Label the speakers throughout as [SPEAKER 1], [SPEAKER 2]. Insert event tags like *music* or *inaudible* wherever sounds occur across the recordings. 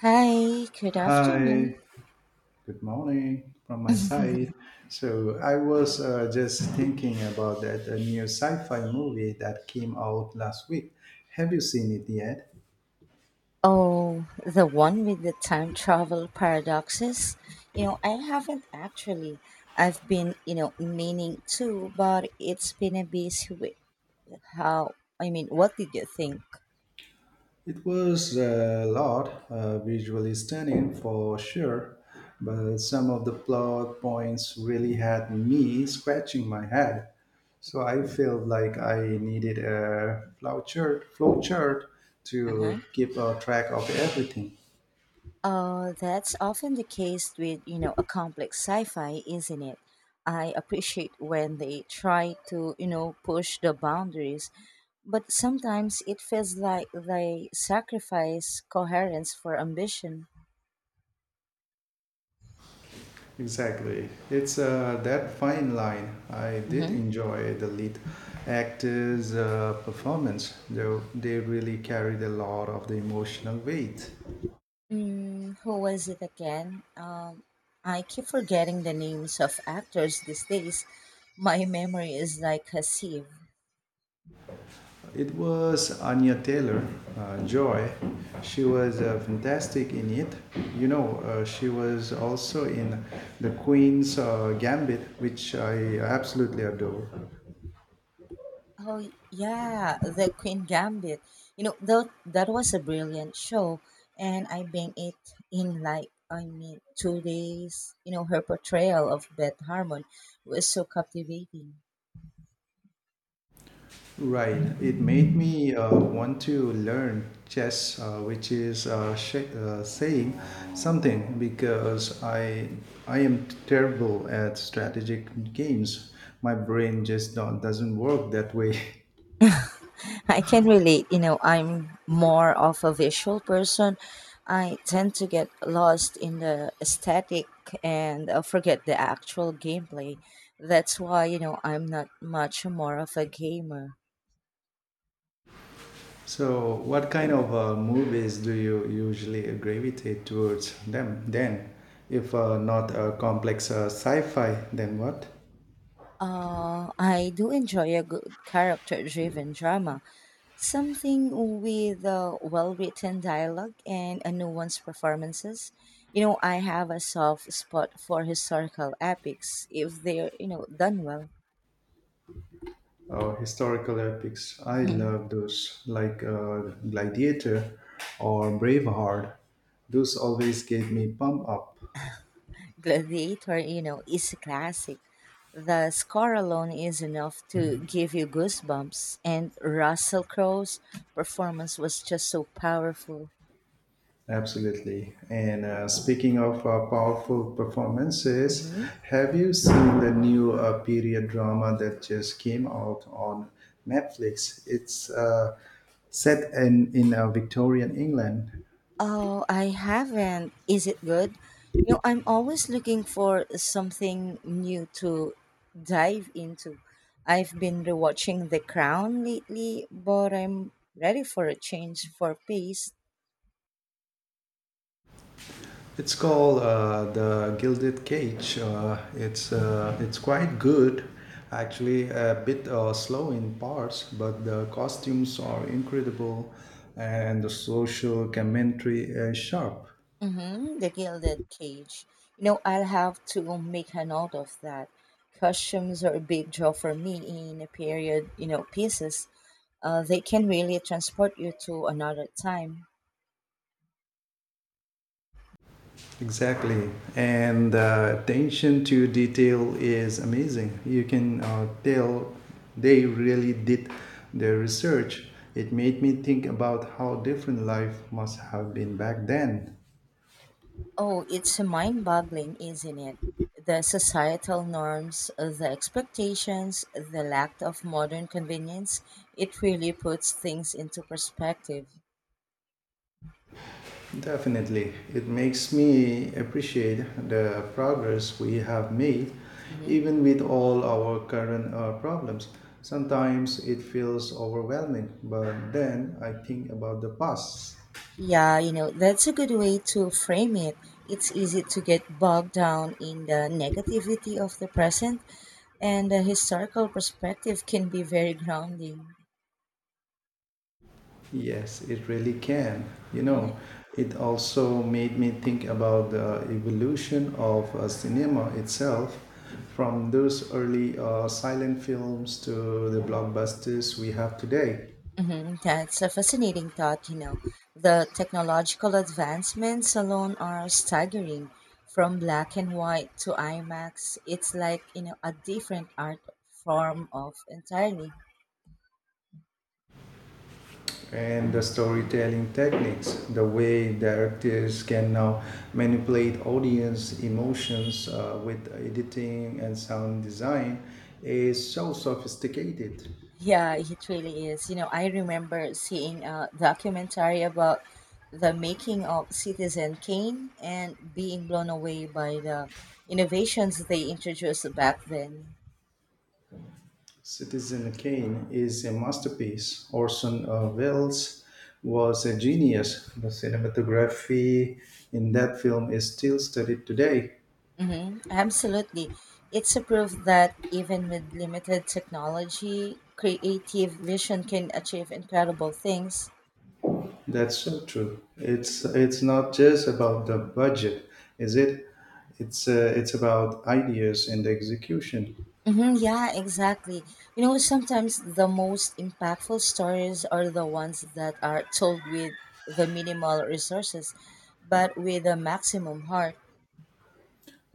[SPEAKER 1] Hi, good
[SPEAKER 2] Hi,
[SPEAKER 1] afternoon.
[SPEAKER 2] good morning from my side. So I was just thinking about that new sci-fi movie that came out last week. Have you seen it yet?
[SPEAKER 1] Oh, the one with the time travel paradoxes? I haven't actually. I've been, meaning to, but it's been a busy week. How, what did you think?
[SPEAKER 2] It was visually stunning for sure, but some of the plot points really had me scratching my head. So I felt like I needed a flow chart to
[SPEAKER 1] Uh-huh.
[SPEAKER 2] keep a track of everything.
[SPEAKER 1] That's often the case with, a complex sci-fi, isn't it? I appreciate when they try to, push the boundaries, but sometimes it feels like they sacrifice coherence for ambition.
[SPEAKER 2] Exactly. It's that fine line. I did
[SPEAKER 1] Hmm
[SPEAKER 2] enjoy the lead actor's performance, though they really carried a lot of the emotional weight.
[SPEAKER 1] Mm, who was it again? I keep forgetting the names of actors these days. My memory is like a sieve.
[SPEAKER 2] It was Anya Taylor Joy. She was fantastic in it. She was also in The Queen's Gambit, which I absolutely adore.
[SPEAKER 1] Oh yeah, the Queen Gambit. You know, that was a brilliant show, and I banged it in, 2 days. You know, her portrayal of Beth Harmon was so captivating.
[SPEAKER 2] Right. It made me want to learn chess, saying something because I am terrible at strategic games. My brain just don't, doesn't work that way. *laughs*
[SPEAKER 1] I can relate. You know, I'm more of a visual person. I tend to get lost in the aesthetic and forget the actual gameplay. That's why, I'm not much more of a gamer.
[SPEAKER 2] So, what kind of movies do you usually gravitate towards them? Then, if not a complex sci-fi, then what?
[SPEAKER 1] I do enjoy a good character driven drama, something with well written dialogue and a nuanced performances. You know, I have a soft spot for historical epics if they're, done well.
[SPEAKER 2] Historical epics. I
[SPEAKER 1] *laughs*
[SPEAKER 2] love those, like Gladiator or Braveheart. Those always gave me pump up.
[SPEAKER 1] Gladiator, is a classic. The score alone is enough to give you goosebumps, and Russell Crowe's performance was just so powerful.
[SPEAKER 2] Absolutely. And speaking of powerful performances,
[SPEAKER 1] Hmm
[SPEAKER 2] have you seen the new period drama that just came out on Netflix? It's set in Victorian England.
[SPEAKER 1] Oh, I haven't. Is it good? You know, I'm always looking for something new to dive into. I've been rewatching The Crown lately, but I'm ready for a change for pace.
[SPEAKER 2] It's called the Gilded Cage. It's quite good, actually. A bit slow in parts, but the costumes are incredible, and the social commentary is sharp.
[SPEAKER 1] Mm-hmm, the Gilded Cage. I'll have to make a note of that. Costumes are a big draw for me in a period, pieces. They can really transport you to another time.
[SPEAKER 2] Exactly, and the attention to detail is amazing. You can tell they really did their research. It made me think about how different life must have been back then.
[SPEAKER 1] Oh, it's mind-boggling, isn't it? The societal norms, the expectations, the lack of modern convenience, it really puts things into perspective.
[SPEAKER 2] Definitely. It makes me appreciate the progress we have made,
[SPEAKER 1] Mhm.
[SPEAKER 2] even with all our current problems. Sometimes it feels overwhelming, but then I think about the past.
[SPEAKER 1] Yeah, that's a good way to frame it. It's easy to get bogged down in the negativity of the present, and the historical perspective can be very grounding.
[SPEAKER 2] Yes, it really can. You know,
[SPEAKER 1] Hmm.
[SPEAKER 2] it also made me think about the evolution of cinema itself, from those early silent films to the blockbusters we have today.
[SPEAKER 1] hmm That's a fascinating thought. The technological advancements alone are staggering. From black and white to IMAX, it's like, a different art form of entirely.
[SPEAKER 2] And the storytelling techniques, the way directors can now manipulate audience emotions with editing and sound design is so sophisticated.
[SPEAKER 1] Yeah, it really is. I remember seeing a documentary about the making of Citizen Kane and being blown away by the innovations they introduced back then.
[SPEAKER 2] Citizen Kane is a masterpiece. Orson Welles was a genius. The cinematography in that film is still studied today.
[SPEAKER 1] Hmm Absolutely. It's a proof that even with limited technology, creative vision can achieve incredible things.
[SPEAKER 2] That's so true. It's not just about the budget, is it? It's about ideas and execution.
[SPEAKER 1] Hmm, yeah, exactly. Sometimes the most impactful stories are the ones that are told with the minimal resources, but with a maximum heart.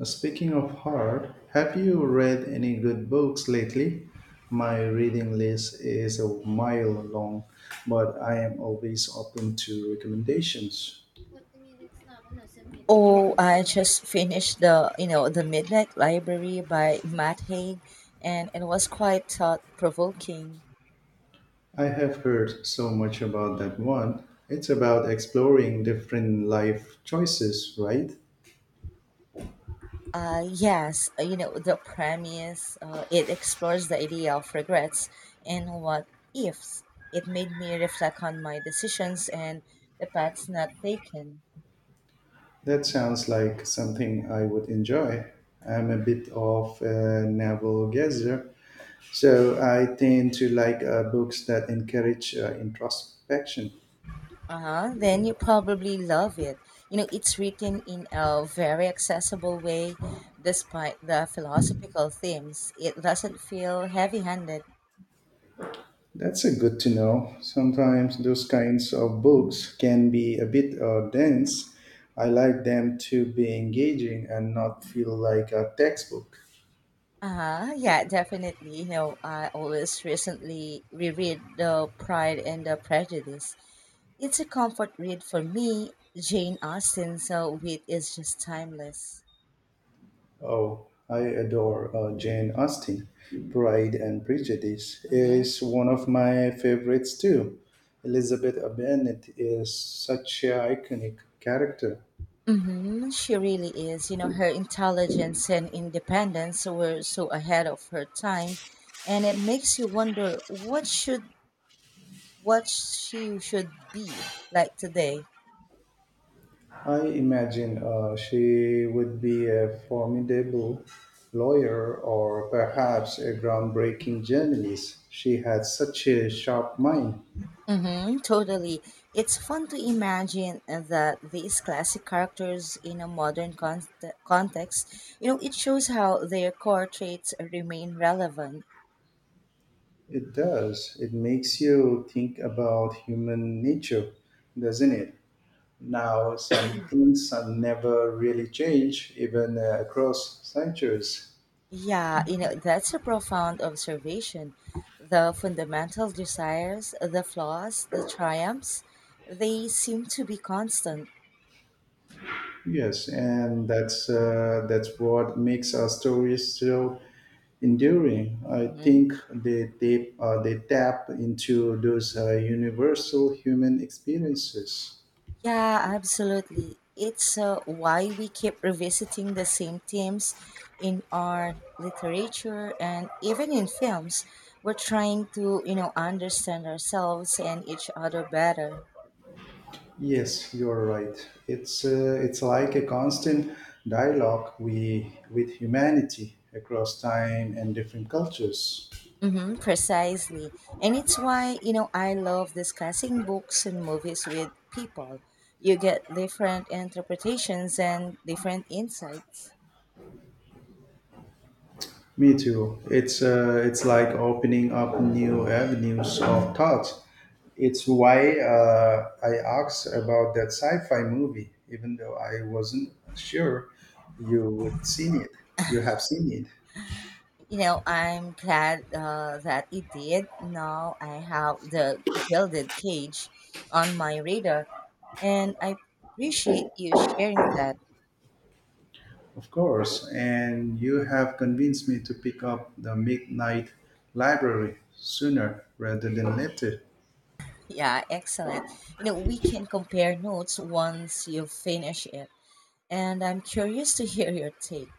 [SPEAKER 2] Speaking of hard, have you read any good books lately? My reading list is a mile long, but I am always open to recommendations.
[SPEAKER 1] Oh, I just finished the you know the Midnight Library by Matt Haig, and it was quite thought provoking.
[SPEAKER 2] I have heard so much about that one. It's about exploring different life choices, right?
[SPEAKER 1] Yes, the premise, it explores the idea of regrets and what ifs. It made me reflect on my decisions and the paths not taken.
[SPEAKER 2] That sounds like something I would enjoy. I'm a bit of a navel gazer, so I tend to like books that encourage introspection.
[SPEAKER 1] Uh-huh, then you probably love it. It's written in a very accessible way despite the philosophical themes. It doesn't feel heavy handed.
[SPEAKER 2] That's a good to know. Sometimes those kinds of books can be a bit dense. I like them to be engaging and not feel like a textbook.
[SPEAKER 1] Uh-huh, yeah, definitely. I always recently reread The Pride and the Prejudice. It's a comfort read for me. Jane Austen's wit is just timeless.
[SPEAKER 2] Oh, I adore Jane Austen. Pride and Prejudice
[SPEAKER 1] Hmm
[SPEAKER 2] is one of my favorites too. Elizabeth Bennet is such an iconic character.
[SPEAKER 1] hmm She really is. Her intelligence and independence were so ahead of her time, and it makes you wonder what she should be like today.
[SPEAKER 2] I imagine she would be a formidable lawyer or perhaps a groundbreaking journalist. She had such a sharp mind.
[SPEAKER 1] Hmm Totally, it's fun to imagine that these classic characters in a modern context. It shows how their core traits remain relevant.
[SPEAKER 2] It does. It makes you think about human nature, doesn't it? Now, some things have never really changed, even across centuries.
[SPEAKER 1] Yeah, that's a profound observation. The fundamental desires, the flaws, the triumphs, they seem to be constant.
[SPEAKER 2] Yes, and that's what makes our stories so enduring. I
[SPEAKER 1] Hmm
[SPEAKER 2] think they tap into those universal human experiences.
[SPEAKER 1] Yeah, absolutely. It's why we keep revisiting the same themes in art, literature, and even in films. We're trying to, understand ourselves and each other better.
[SPEAKER 2] Yes, you're right. It's like a constant dialogue we with humanity across time and different cultures.
[SPEAKER 1] Mm-hmm, precisely. And it's why, I love discussing books and movies with people. You get different interpretations and different insights.
[SPEAKER 2] Me too. It's like opening up new avenues of thoughts. It's why I asked about that sci-fi movie, even though I wasn't sure you would seen it. You have seen it,
[SPEAKER 1] I'm glad that it did. Now I have the Gilded Cage on my radar, and I appreciate you sharing that.
[SPEAKER 2] of course, and you have convinced me to pick up the Midnight Library sooner rather than later.
[SPEAKER 1] Yeah, excellent. We can compare notes once you finish it, and I'm curious to hear your take.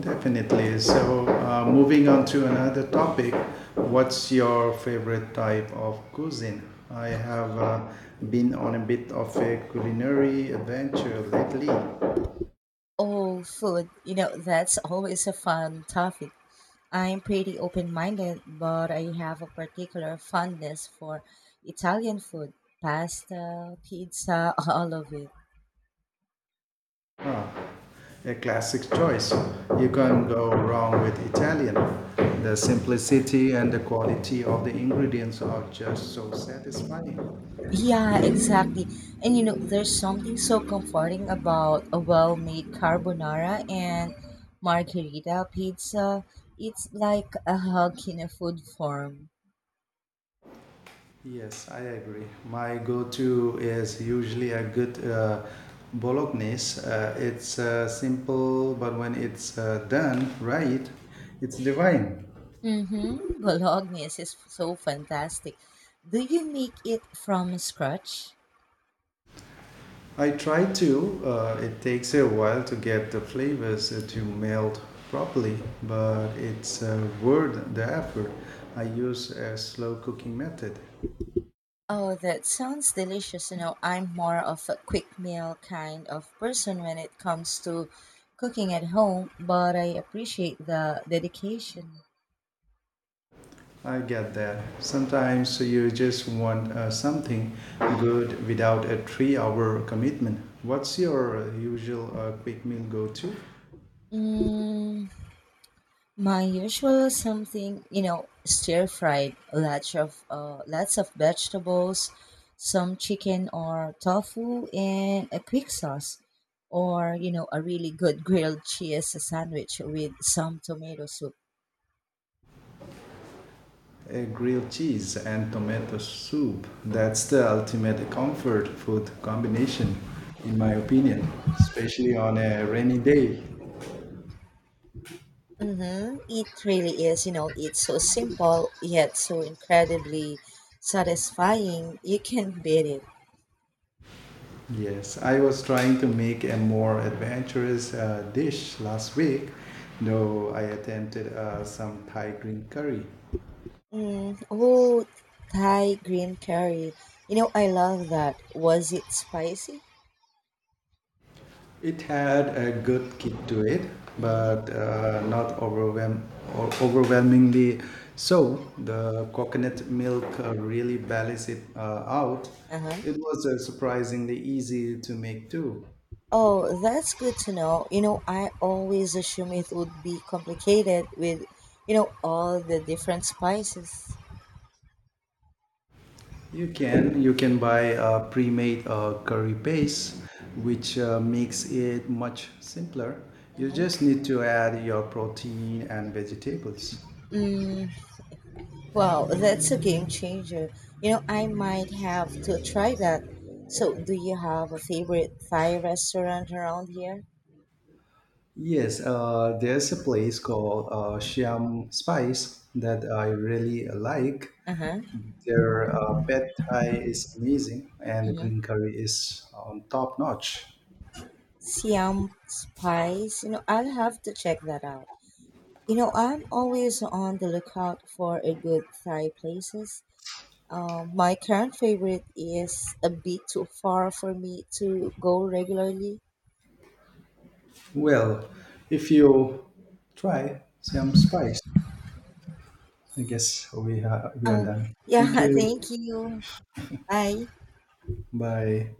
[SPEAKER 2] Definitely. So, moving on to another topic, what's your favorite type of cuisine? I have been on a bit of a culinary adventure lately.
[SPEAKER 1] Oh, food. That's always a fun topic. I'm pretty open minded, but I have a particular fondness for Italian food, pasta, pizza, *laughs* all of it.
[SPEAKER 2] A classic choice. You
[SPEAKER 1] Hmm
[SPEAKER 2] can't go wrong with Italian. The simplicity and the quality of the ingredients are just so satisfying.
[SPEAKER 1] Yeah, exactly. And you know, there's something so comforting about a well made carbonara and margherita pizza. It's like a hug in a food form.
[SPEAKER 2] Yes, I agree. My go-to is usually a good bolognese. It's simple, but when it's done right, it's divine.
[SPEAKER 1] Mm-hmm. Bolognese is so fantastic. Do you make it from scratch?
[SPEAKER 2] I try to. It takes a while to get the flavors to melt properly, but it's worth the effort. I use a slow cooking method.
[SPEAKER 1] Oh, that sounds delicious. I'm more of a quick meal kind of person when it comes to cooking at home, but I appreciate the dedication.
[SPEAKER 2] I get that. Sometimes you just want something good without a 3 hour commitment. What's your usual quick meal go to?
[SPEAKER 1] Mm, my usual something, stir fried, lots of vegetables, some chicken or tofu, and a quick sauce, or you know, a really good grilled cheese sandwich with some tomato soup.
[SPEAKER 2] A grilled cheese and tomato soup. That's the ultimate comfort food combination, in my opinion, especially on a rainy day.
[SPEAKER 1] Mm-hmm. It really is, it's so simple yet so incredibly satisfying. You can't beat it.
[SPEAKER 2] Yes, I was trying to make a more adventurous dish last week, though I attempted some Thai green curry.
[SPEAKER 1] Mm, oh, Thai green curry. I love that. Was it spicy?
[SPEAKER 2] It had a good kick to it, but not overwhelm or overwhelmingly so. The coconut milk really balanced it out.
[SPEAKER 1] Uh-huh.
[SPEAKER 2] It was surprisingly easy to make too.
[SPEAKER 1] Oh, that's good to know. I always assume it would be complicated with, all the different spices.
[SPEAKER 2] You can buy a pre-made curry paste, which makes it much simpler. You
[SPEAKER 1] Mhm.
[SPEAKER 2] just need to add your protein and vegetables.
[SPEAKER 1] Mm, wow, that's a game changer. I might have to try that. So, do you have a favorite Thai restaurant around here?
[SPEAKER 2] Yes, there's a place called Siam Spice that I really like.
[SPEAKER 1] Uh-huh.
[SPEAKER 2] Their pad thai is amazing, and the
[SPEAKER 1] Mm-hmm.
[SPEAKER 2] green curry is on top notch.
[SPEAKER 1] Siam Spice. I'll have to check that out. I'm always on the lookout for a good Thai places. My current favorite is a bit too far for me to go regularly.
[SPEAKER 2] Well, if you try Siam Spice, I guess we are
[SPEAKER 1] Oh,
[SPEAKER 2] done. Thank
[SPEAKER 1] yeah, *laughs*
[SPEAKER 2] you.
[SPEAKER 1] thank you. Bye.
[SPEAKER 2] Bye.